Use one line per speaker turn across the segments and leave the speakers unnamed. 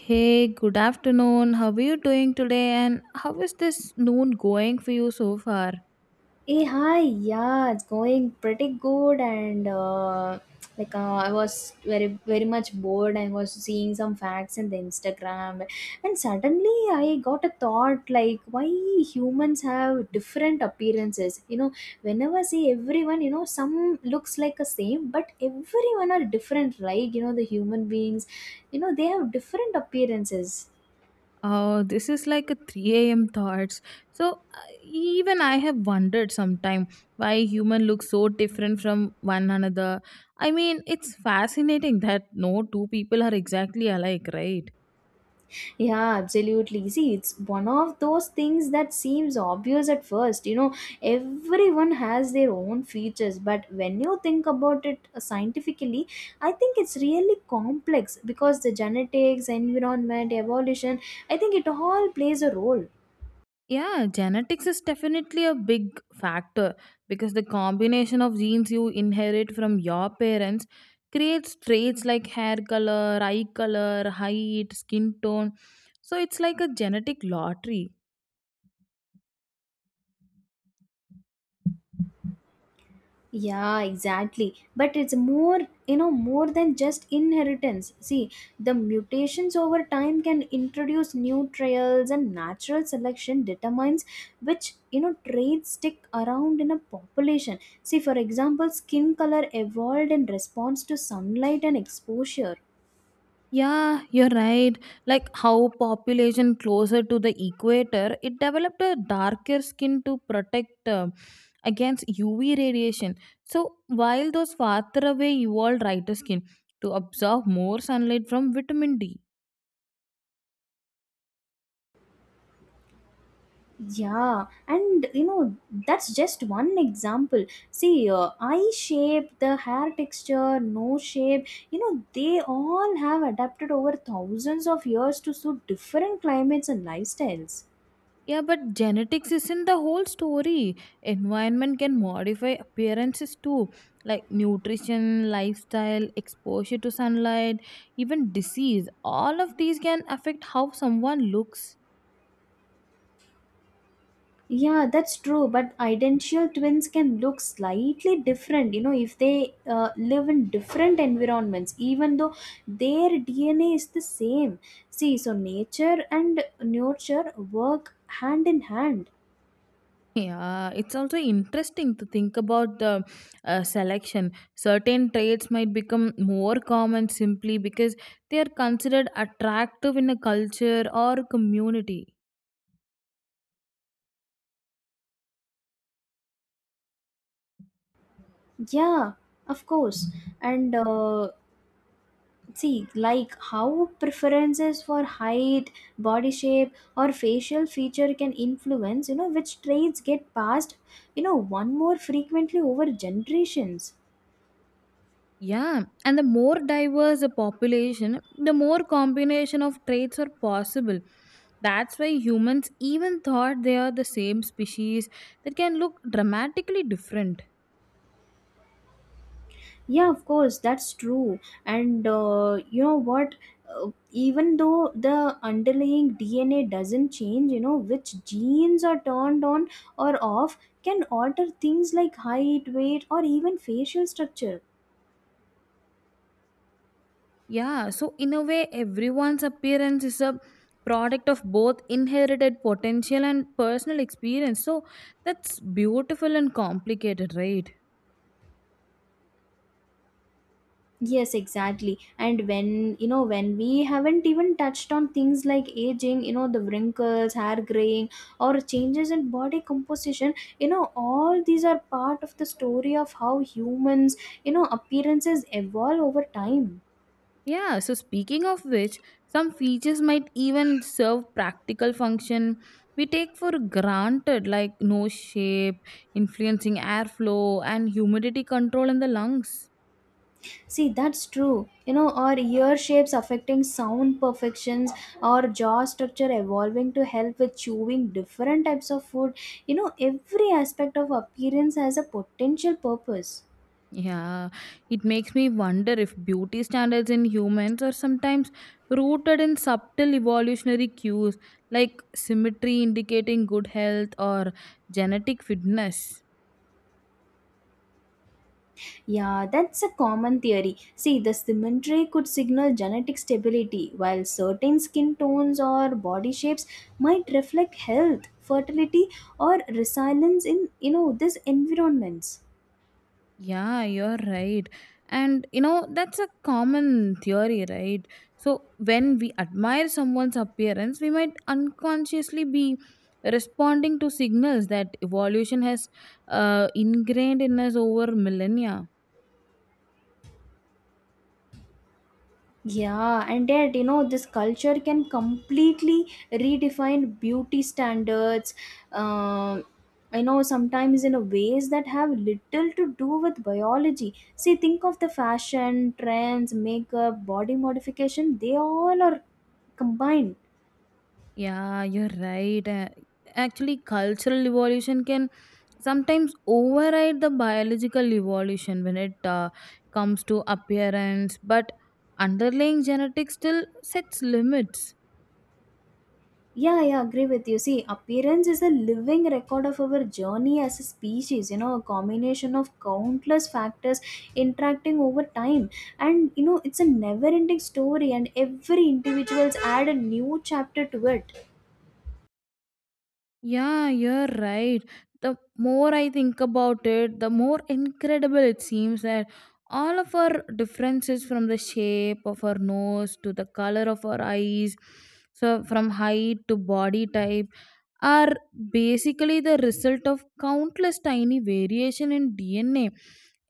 Hey, good afternoon. How are you doing today? And how is this noon going for you so far?
Hey, hi, yeah, it's going pretty good, and like I was very, very much bored. I was seeing some facts in the Instagram, and suddenly I got a thought like, why humans have different appearances? Whenever I see everyone, some looks like a same, but everyone are different, right? The human beings, they have different appearances.
Oh, this is like a 3 a.m. thoughts. Even I have wondered sometime why human looks so different from one another. I mean, it's fascinating that no two people are exactly alike, right?
Yeah, absolutely. See, it's one of those things that seems obvious at first. Everyone has their own features, but when you think about it scientifically, I think it's really complex because the genetics, environment, evolution, I think it all plays a role.
Yeah, genetics is definitely a big factor because the combination of genes you inherit from your parents creates traits like hair color, eye color, height, skin tone. So it's like a genetic lottery.
Yeah, exactly. But it's more, more than just inheritance. See, the mutations over time can introduce new trails, and natural selection determines which, traits stick around in a population. See, for example, skin color evolved in response to sunlight and exposure.
Yeah, you're right. Like how population closer to the equator, it developed a darker skin to protect against UV radiation. So while those farther away evolved lighter skin to absorb more sunlight from vitamin D.
Yeah, and that's just one example. See, eye shape, the hair texture, nose shape, they all have adapted over thousands of years to suit different climates and lifestyles.
Yeah, but genetics isn't the whole story. Environment can modify appearances too, like nutrition, lifestyle, exposure to sunlight, even disease. All of these can affect how someone looks.
Yeah, that's true, but identical twins can look slightly different, if they live in different environments, even though their DNA is the same. See, so nature and nurture work hand in hand.
Yeah, it's also interesting to think about the selection. Certain traits might become more common simply because they are considered attractive in a culture or community.
Yeah, of course. And see, like how preferences for height, body shape, or facial feature can influence, which traits get passed, one more frequently over generations.
Yeah, and the more diverse a population, the more combination of traits are possible. That's why humans even thought they are the same species that can look dramatically different.
Yeah, of course, that's true. And you know what? Even though the underlying DNA doesn't change, which genes are turned on or off can alter things like height, weight, or even facial structure.
Yeah, so in a way, everyone's appearance is a product of both inherited potential and personal experience. So that's beautiful and complicated, right?
Yes, exactly. And when we haven't even touched on things like aging, the wrinkles, hair graying, or changes in body composition, all these are part of the story of how humans, appearances evolve over time.
Yeah, so speaking of which, some features might even serve practical function we take for granted, like nose shape, influencing airflow, and humidity control in the lungs.
See, that's true. Our ear shapes affecting sound perfections, our jaw structure evolving to help with chewing different types of food. Every aspect of appearance has a potential purpose.
Yeah, it makes me wonder if beauty standards in humans are sometimes rooted in subtle evolutionary cues like symmetry indicating good health or genetic fitness.
Yeah, that's a common theory. See, the symmetry could signal genetic stability, while certain skin tones or body shapes might reflect health, fertility, or resilience in these environments.
Yeah, you're right. And you know, that's a common theory, right? So, when we admire someone's appearance, we might unconsciously be responding to signals that evolution has ingrained in us over millennia.
Yeah, and yet, this culture can completely redefine beauty standards. Um, I know sometimes in a ways that have little to do with biology. See, think of the fashion, trends, makeup, body modification, they all are combined.
Yeah, you're right. Actually, cultural evolution can sometimes override the biological evolution when it comes to appearance, but underlying genetics still sets limits.
Yeah, I agree with you. See, appearance is a living record of our journey as a species, a combination of countless factors interacting over time. And, it's a never ending story, and every individual's add a new chapter to it.
Yeah, you're right. The more I think about it, the more incredible it seems that all of our differences from the shape of our nose to the color of our eyes, so from height to body type are basically the result of countless tiny variation in DNA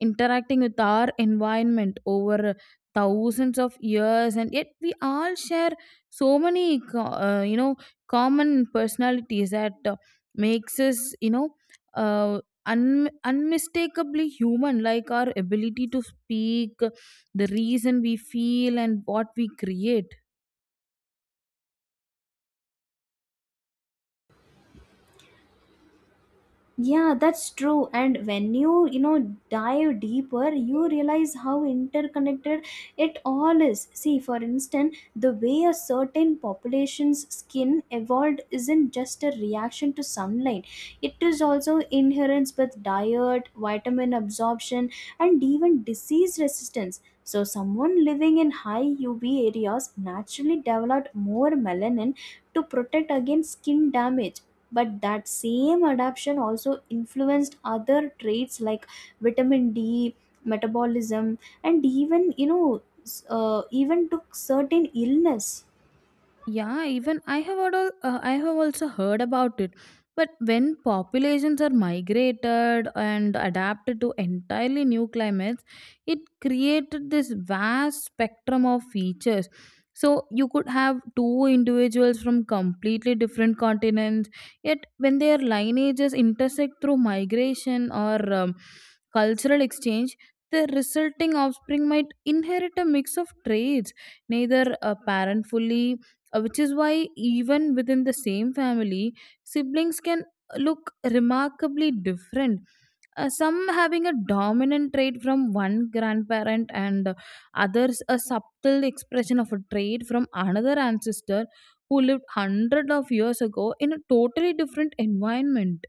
interacting with our environment over thousands of years, and yet we all share so many common personalities that makes us you know uh, un- unmistakably human, like our ability to speak, the reason we feel, and what we create.
Yeah, that's true. And when you, dive deeper, you realize how interconnected it all is. See, for instance, the way a certain population's skin evolved isn't just a reaction to sunlight, it is also inherence with diet, vitamin absorption, and even disease resistance. So, someone living in high UV areas naturally developed more melanin to protect against skin damage, but that same adaptation also influenced other traits like vitamin d metabolism and even you know s- even took certain illness.
Yeah, even I have heard, I have also heard about it. But when populations are migrated and adapted to entirely new climates, it created this vast spectrum of features. So you could have two individuals from completely different continents, yet when their lineages intersect through migration or cultural exchange, the resulting offspring might inherit a mix of traits neither a parent fully which is why even within the same family siblings can look remarkably different, some having a dominant trait from one grandparent and others a subtle expression of a trait from another ancestor who lived hundreds of years ago in a totally different environment.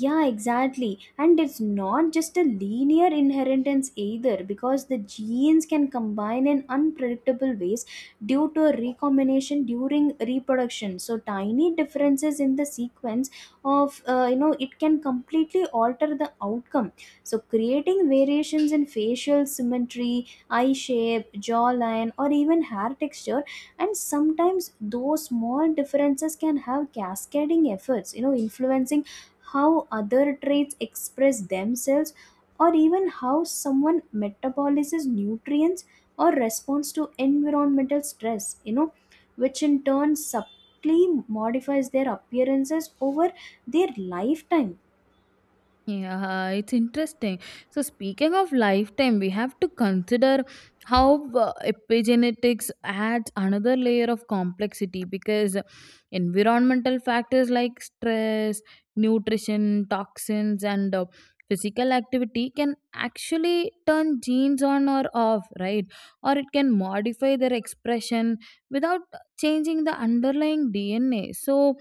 Yeah, exactly. And it's not just a linear inheritance either because the genes can combine in unpredictable ways due to recombination during reproduction. So tiny differences in the sequence of it can completely alter the outcome. So creating variations in facial symmetry, eye shape, jawline or even hair texture, and sometimes those small differences can have cascading efforts, influencing how other traits express themselves, or even how someone metabolizes nutrients or responds to environmental stress, which in turn subtly modifies their appearances over their lifetime.
Yeah, it's interesting. So, speaking of lifetime, we have to consider how epigenetics adds another layer of complexity because environmental factors like stress, nutrition, toxins, and physical activity can actually turn genes on or off, right? Or it can modify their expression without changing the underlying DNA. So,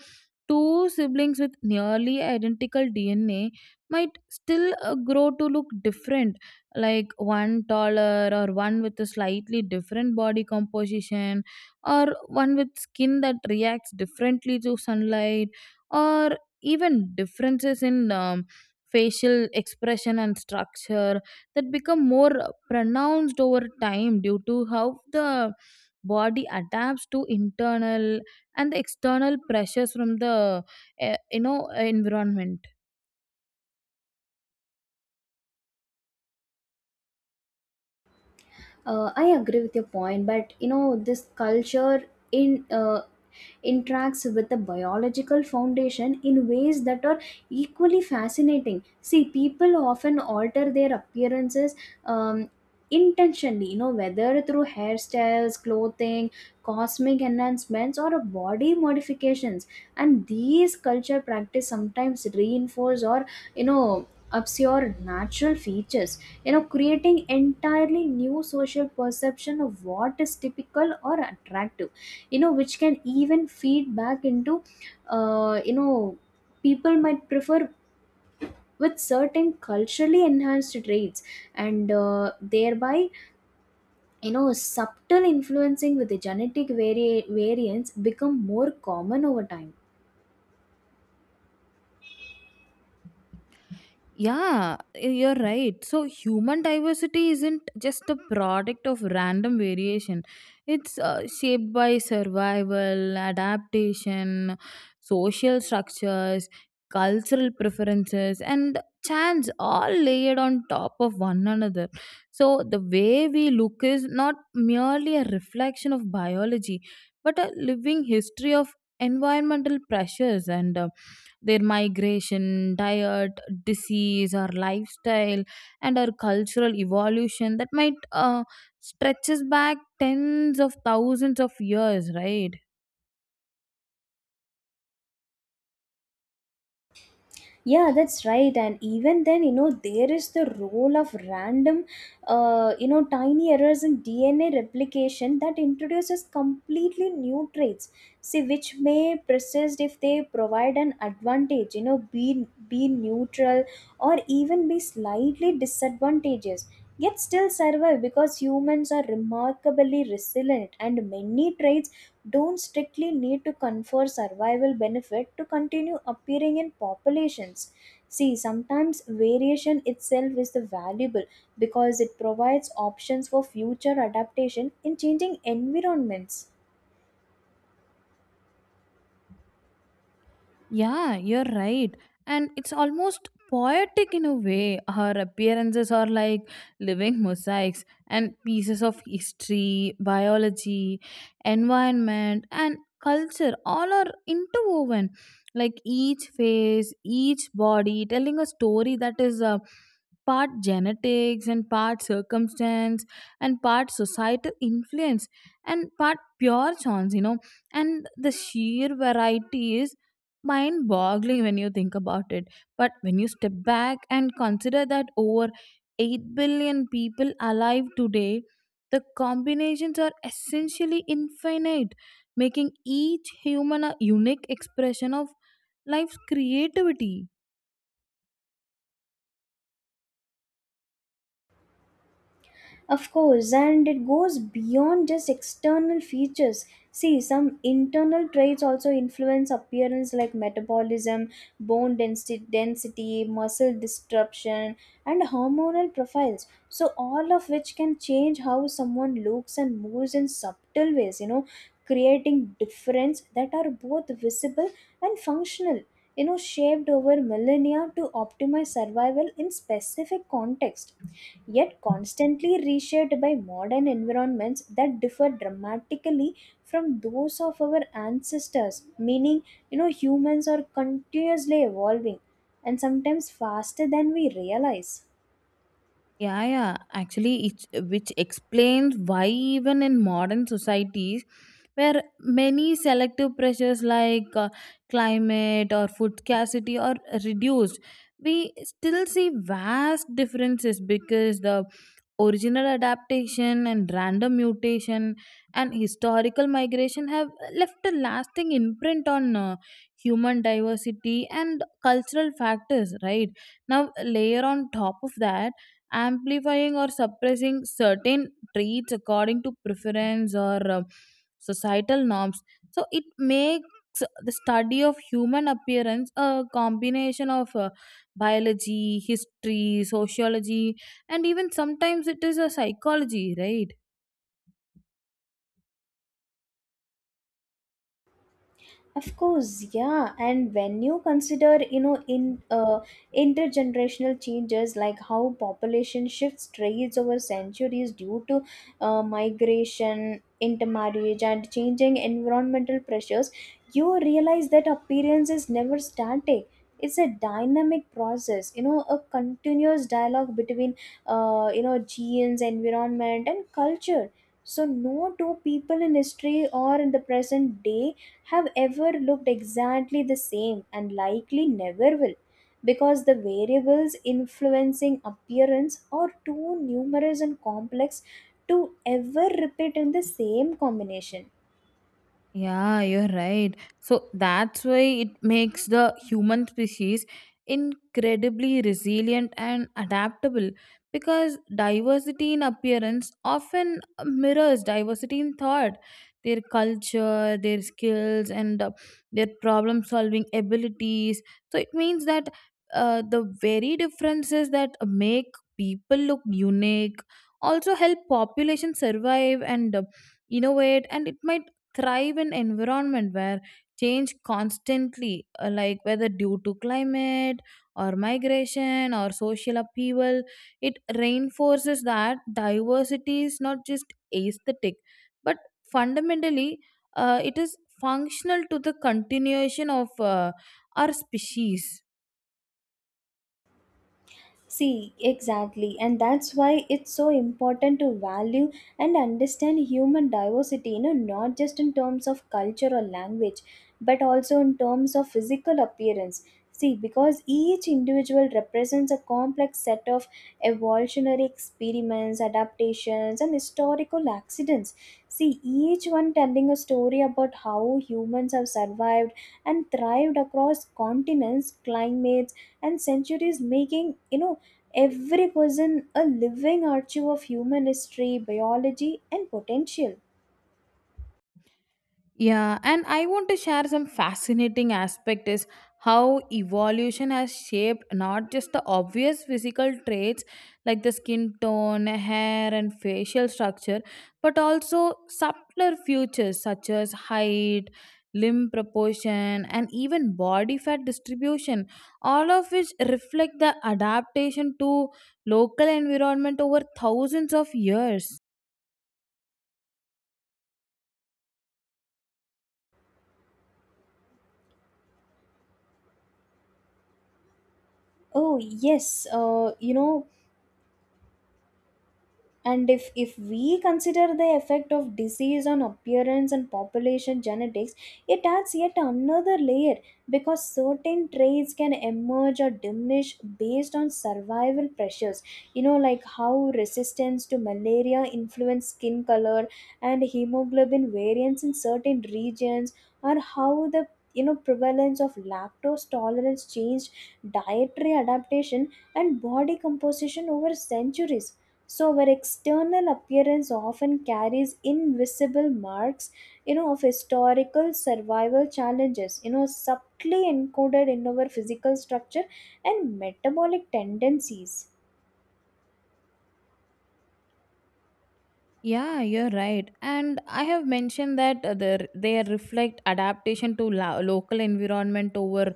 two siblings with nearly identical DNA might still grow to look different, like one taller or one with a slightly different body composition or one with skin that reacts differently to sunlight or even differences in facial expression and structure that become more pronounced over time due to how the body adapts to internal and the external pressures from the uh, you know environment.
I agree with your point, but this culture in interacts with the biological foundation in ways that are equally fascinating. See, people often alter their appearances um, intentionally, whether through hairstyles, clothing, cosmic enhancements, or body modifications. And these culture practice sometimes reinforce or obscure natural features, creating entirely new social perception of what is typical or attractive, which can even feed back into uh, you know people might prefer with certain culturally enhanced traits, and thereby subtle influencing with the genetic variants become more common over time.
Yeah, you're right. So, human diversity isn't just a product of random variation, it's shaped by survival, adaptation, social structures, cultural preferences, and chance all layered on top of one another. So, the way we look is not merely a reflection of biology, but a living history of environmental pressures and their migration, diet, disease, or lifestyle, and our cultural evolution that might stretches back tens of thousands of years, right?
Yeah, that's right. And even then, there is the role of random tiny errors in DNA replication that introduces completely new traits. See, which may persist if they provide an advantage, be neutral or even be slightly disadvantageous, yet still survive because humans are remarkably resilient and many traits don't strictly need to confer survival benefit to continue appearing in populations. See, sometimes variation itself is the valuable because it provides options for future adaptation in changing environments.
Yeah, you're right. And it's almost poetic in a way. Her appearances are like living mosaics and pieces of history, biology, environment, and culture. All are interwoven. Like each face, each body telling a story that is part genetics and part circumstance and part societal influence and part pure chance, you know. And the sheer variety is mind boggling when you think about it. But when you step back and consider that over 8 billion people alive today, the combinations are essentially infinite, making each human a unique expression of life's creativity.
Of course, and it goes beyond just external features. See, some internal traits also influence appearance like metabolism, bone density, muscle disruption, and hormonal profiles. So, all of which can change how someone looks and moves in subtle ways, creating difference that are both visible and functional. Shaped over millennia to optimize survival in specific context, yet constantly reshaped by modern environments that differ dramatically from those of our ancestors, meaning humans are continuously evolving, and sometimes faster than we realize.
Yeah, yeah. Actually, it's which explains why even in modern societies, where many selective pressures like climate or food scarcity are reduced, we still see vast differences because the original adaptation and random mutation and historical migration have left a lasting imprint on human diversity and cultural factors. Right now, layer on top of that amplifying or suppressing certain traits according to preference or societal norms. So it makes the study of human appearance a combination of biology, history, sociology, and even sometimes it is a psychology, right?
Of course, yeah. And when you consider, in intergenerational changes like how population shifts trades over centuries due to migration, intermarriage, and changing environmental pressures, you realize that appearance is never static. It's a dynamic process, a continuous dialogue between, genes, environment, and culture. So, no two people in history or in the present day have ever looked exactly the same and likely never will, because the variables influencing appearance are too numerous and complex to ever repeat in the same combination.
Yeah, you're right. So that's why it makes the human species incredibly resilient and adaptable because diversity in appearance often mirrors diversity in thought. Their culture, their skills, and their problem solving abilities. So it means that the very differences that make people look unique also help population survive and innovate, and it might thrive in environment where change constantly, like whether due to climate or migration or social upheaval, it reinforces that diversity is not just aesthetic but fundamentally, it is functional to the continuation of our species.
See, exactly, and that's why it's so important to value and understand human diversity, not just in terms of culture or language, but also in terms of physical appearance. See, because each individual represents a complex set of evolutionary experiments, adaptations, and historical accidents. See, each one telling a story about how humans have survived and thrived across continents, climates, and centuries, making every person a living archive of human history, biology, and potential.
Yeah, and I want to share some fascinating aspect is how evolution has shaped not just the obvious physical traits like the skin tone, hair and facial structure, but also subtler features such as height, limb proportion and even body fat distribution, all of which reflect the adaptation to local environment over thousands of years.
Oh, yes, and if we consider the effect of disease on appearance and population genetics, it adds yet another layer because certain traits can emerge or diminish based on survival pressures, like how resistance to malaria influence skin color and hemoglobin variance in certain regions, or how the prevalence of lactose tolerance changed dietary adaptation and body composition over centuries. So our external appearance often carries invisible marks, of historical survival challenges, subtly encoded in our physical structure and metabolic tendencies.
Yeah, you're right. And I have mentioned that they reflect adaptation to local environment over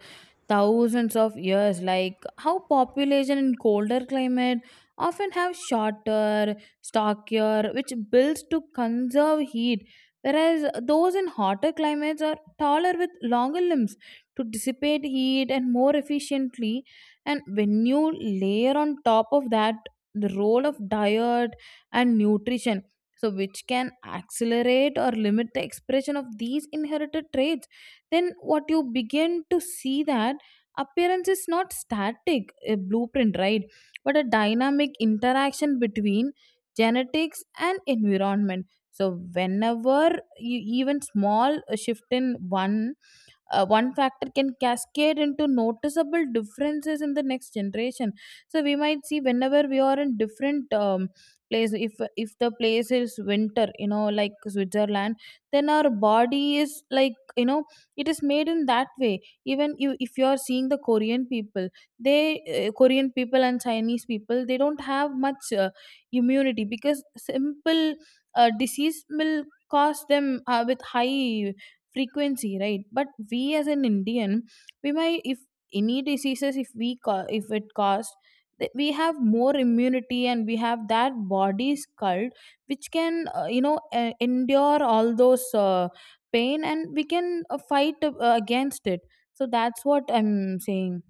thousands of years, like how population in colder climate often have shorter, stockier, which builds to conserve heat, whereas those in hotter climates are taller with longer limbs to dissipate heat and more efficiently. And when you layer on top of that the role of diet and nutrition, so which can accelerate or limit the expression of these inherited traits, then what you begin to see that appearance is not static a blueprint, right, but a dynamic interaction between genetics and environment. So whenever you, even small shift in one one factor can cascade into noticeable differences in the next generation. So we might see whenever we are in different place, if the place is winter, you know, like Switzerland, then our body is like, you know, it is made in that way. Even you, if you are seeing the Korean people, they, Korean people and Chinese people, they don't have much immunity because simple disease will cause them with high frequency, right? But we as an Indian, we might, if any diseases, if it caused we have more immunity and we have that body skull which can, endure all those pain, and we can fight against it. So that's what I'm saying.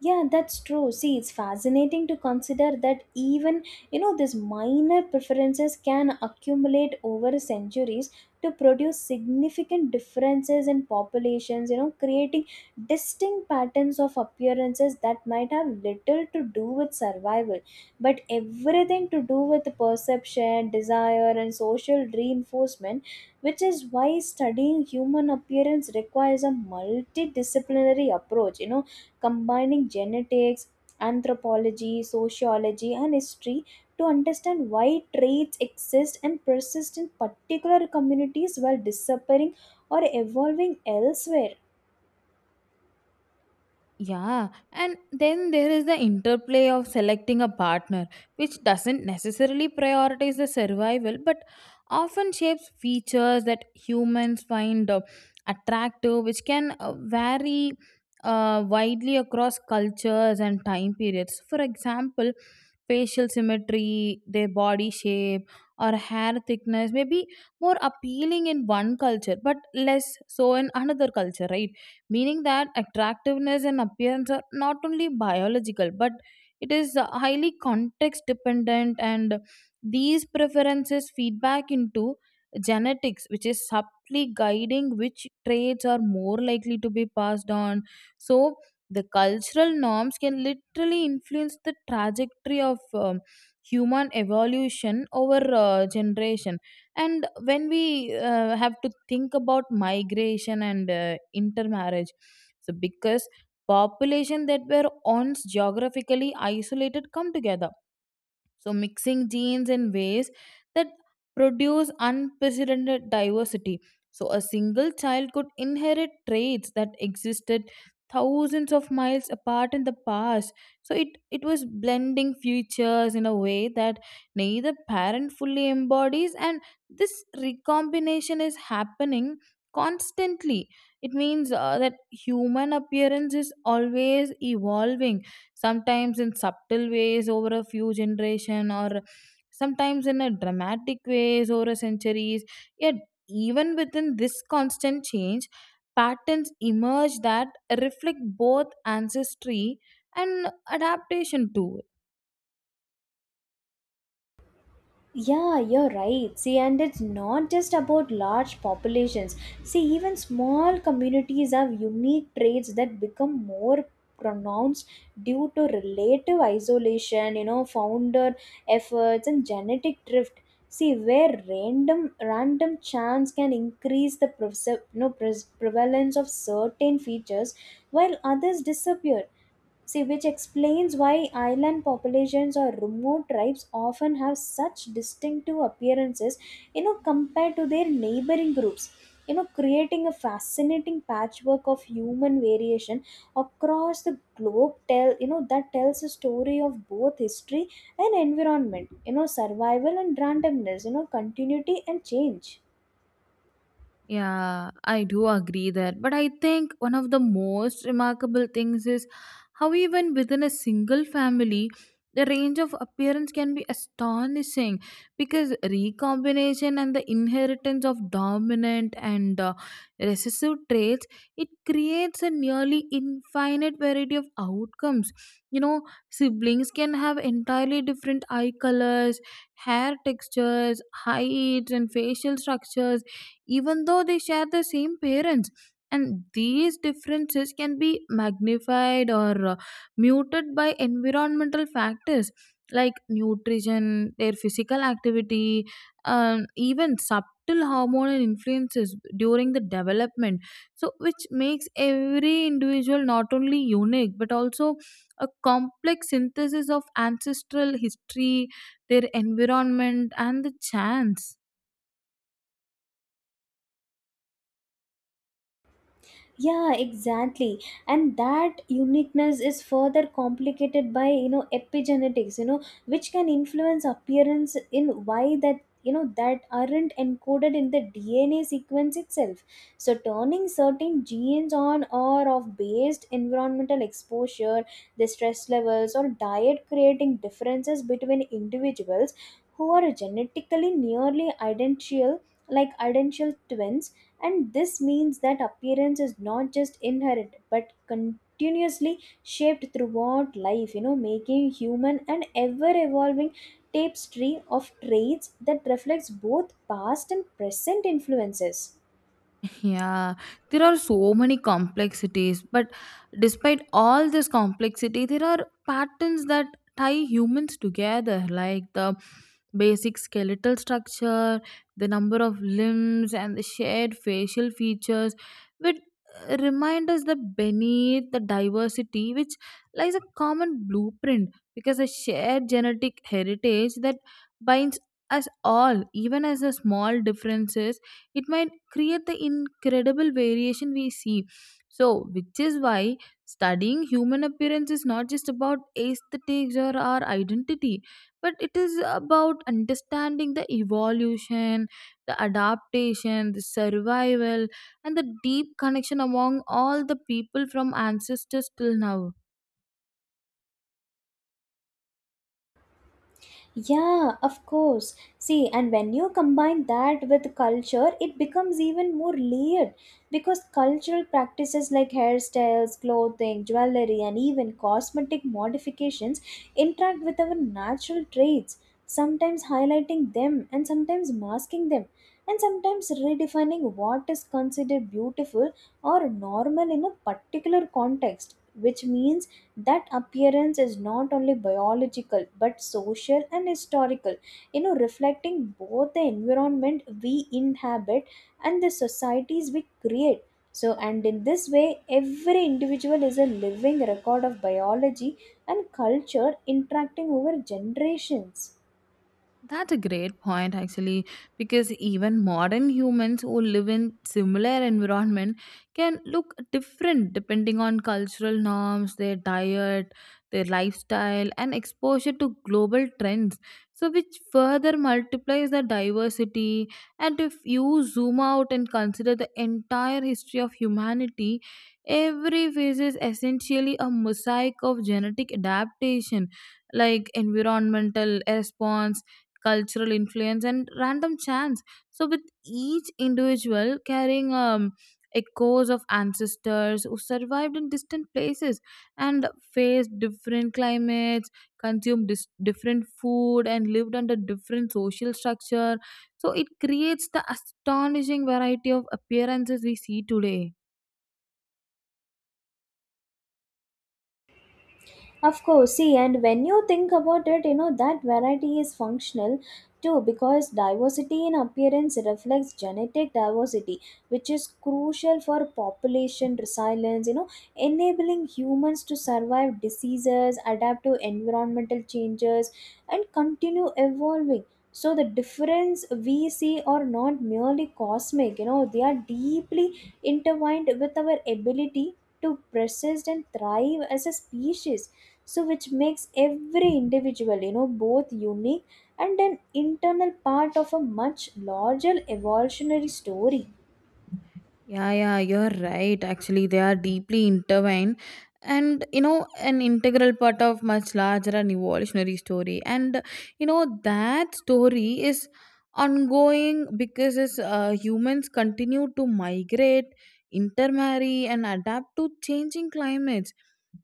Yeah, that's true. See, it's fascinating to consider that even, these minor preferences can accumulate over centuries to produce significant differences in populations, creating distinct patterns of appearances that might have little to do with survival, but everything to do with perception, desire, and social reinforcement, which is why studying human appearance requires a multidisciplinary approach, combining genetics, anthropology, sociology, and history to understand why traits exist and persist in particular communities while disappearing or evolving elsewhere.
Yeah, and then there is the interplay of selecting a partner, which doesn't necessarily prioritize the survival but often shapes features that humans find attractive, which can vary widely across cultures and time periods. For example, facial symmetry, their body shape, or hair thickness may be more appealing in one culture but less so in another culture, right? Meaning that attractiveness and appearance are not only biological but it is highly context dependent, and these preferences feedback into genetics, which is subtly guiding which traits are more likely to be passed on. So, the cultural norms can literally influence the trajectory of human evolution over generation. And when we have to think about migration and intermarriage, so because population that were once geographically isolated come together, so mixing genes in ways that produce unprecedented diversity. So, a single child could inherit traits that existed thousands of miles apart in the past. So, it was blending futures in a way that neither parent fully embodies, and this recombination is happening constantly. It means that human appearance is always evolving, sometimes in subtle ways over a few generation or sometimes in a dramatic ways over a centuries, yet even within this constant change patterns emerge that reflect both ancestry and adaptation too.
Yeah, you're right. See, and it's not just about large populations. See, even small communities have unique traits that become more pronounced due to relative isolation, founder efforts and genetic drift. See, where random chance can increase the prevalence of certain features while others disappear. See, which explains why island populations or remote tribes often have such distinctive appearances, compared to their neighboring groups, creating a fascinating patchwork of human variation across the globe. Tell you know That tells a story of both history and environment, survival and randomness, continuity and change.
Yeah, I do agree that. But I think one of the most remarkable things is how, even within a single family, the range of appearance can be astonishing because recombination and the inheritance of dominant and recessive traits, it creates a nearly infinite variety of outcomes. You know, siblings can have entirely different eye colors, hair textures, heights, and facial structures, even though they share the same parents. And these differences can be magnified or muted by environmental factors like nutrition, their physical activity, even subtle hormonal influences during the development. So, which makes every individual not only unique but also a complex synthesis of ancestral history, their environment, and the chance.
Yeah, exactly. And that uniqueness is further complicated by epigenetics, which can influence appearance in why that you know that aren't encoded in the DNA sequence itself, so turning certain genes on or off based environmental exposure, the stress levels or diet, creating differences between individuals who are genetically nearly identical, like identical twins. And this means that appearance is not just inherent but continuously shaped throughout life, making human an ever evolving tapestry of traits that reflects both past and present influences.
Yeah, there are so many complexities, but despite all this complexity, there are patterns that tie humans together, like the basic skeletal structure, the number of limbs, and the shared facial features, which remind us that beneath the diversity, which lies a common blueprint, because a shared genetic heritage that binds us all, even as the small differences, it might create the incredible variation we see. So, which is why studying human appearance is not just about aesthetics or our identity, but it is about understanding the evolution, the adaptation, the survival, and the deep connection among all the people from ancestors till now.
Yeah, of course. See, and when you combine that with culture, it becomes even more layered because cultural practices like hairstyles, clothing, jewelry, and even cosmetic modifications interact with our natural traits, sometimes highlighting them and sometimes masking them, and sometimes redefining what is considered beautiful or normal in a particular context, which means that appearance is not only biological but social and historical, reflecting both the environment we inhabit and the societies we create. So, and in this way, every individual is a living record of biology and culture interacting over generations.
That's a great point actually because even modern humans who live in similar environment can look different depending on cultural norms, their diet, their lifestyle and exposure to global trends. So which further multiplies the diversity, and if you zoom out and consider the entire history of humanity, every phase is essentially a mosaic of genetic adaptation, like environmental response, cultural influence, and random chance. So, with each individual carrying echoes of ancestors who survived in distant places and faced different climates, consumed different food, and lived under different social structure. So, it creates the astonishing variety of appearances we see today.
Of course, see, and when you think about it, that variety is functional too, because diversity in appearance reflects genetic diversity, which is crucial for population resilience, enabling humans to survive diseases, adapt to environmental changes, and continue evolving. So, the difference we see are not merely cosmic, they are deeply intertwined with our ability to persist and thrive as a species. So, which makes every individual, both unique and an internal part of a much larger evolutionary story.
Yeah, yeah, you're right. Actually, they are deeply intertwined and, you know, an integral part of much larger and evolutionary story. And, you know, that story is ongoing because humans continue to migrate, intermarry, and adapt to changing climates,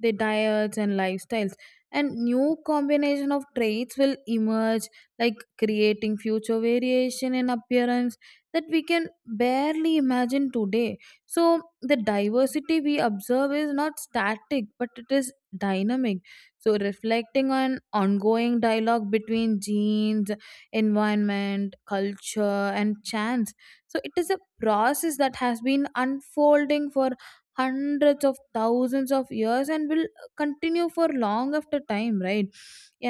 their diets and lifestyles. And new combination of traits will emerge, like creating future variation in appearance that we can barely imagine today. So, the diversity we observe is not static but it is dynamic. So, reflecting on ongoing dialogue between genes, environment, culture, and chance. So, it is a process that has been unfolding for hundreds of thousands of years and will continue for long after time, right?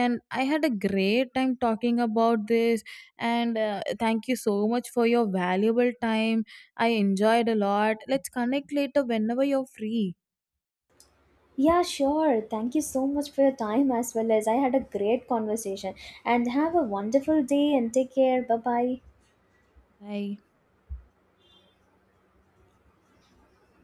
And I had a great time talking about this, and thank you so much for your valuable time. I enjoyed a lot. Let's connect later whenever you're free.
Yeah, sure. Thank you so much for your time as well as I had a great conversation. And have a wonderful day and take care. Bye bye.
Bye.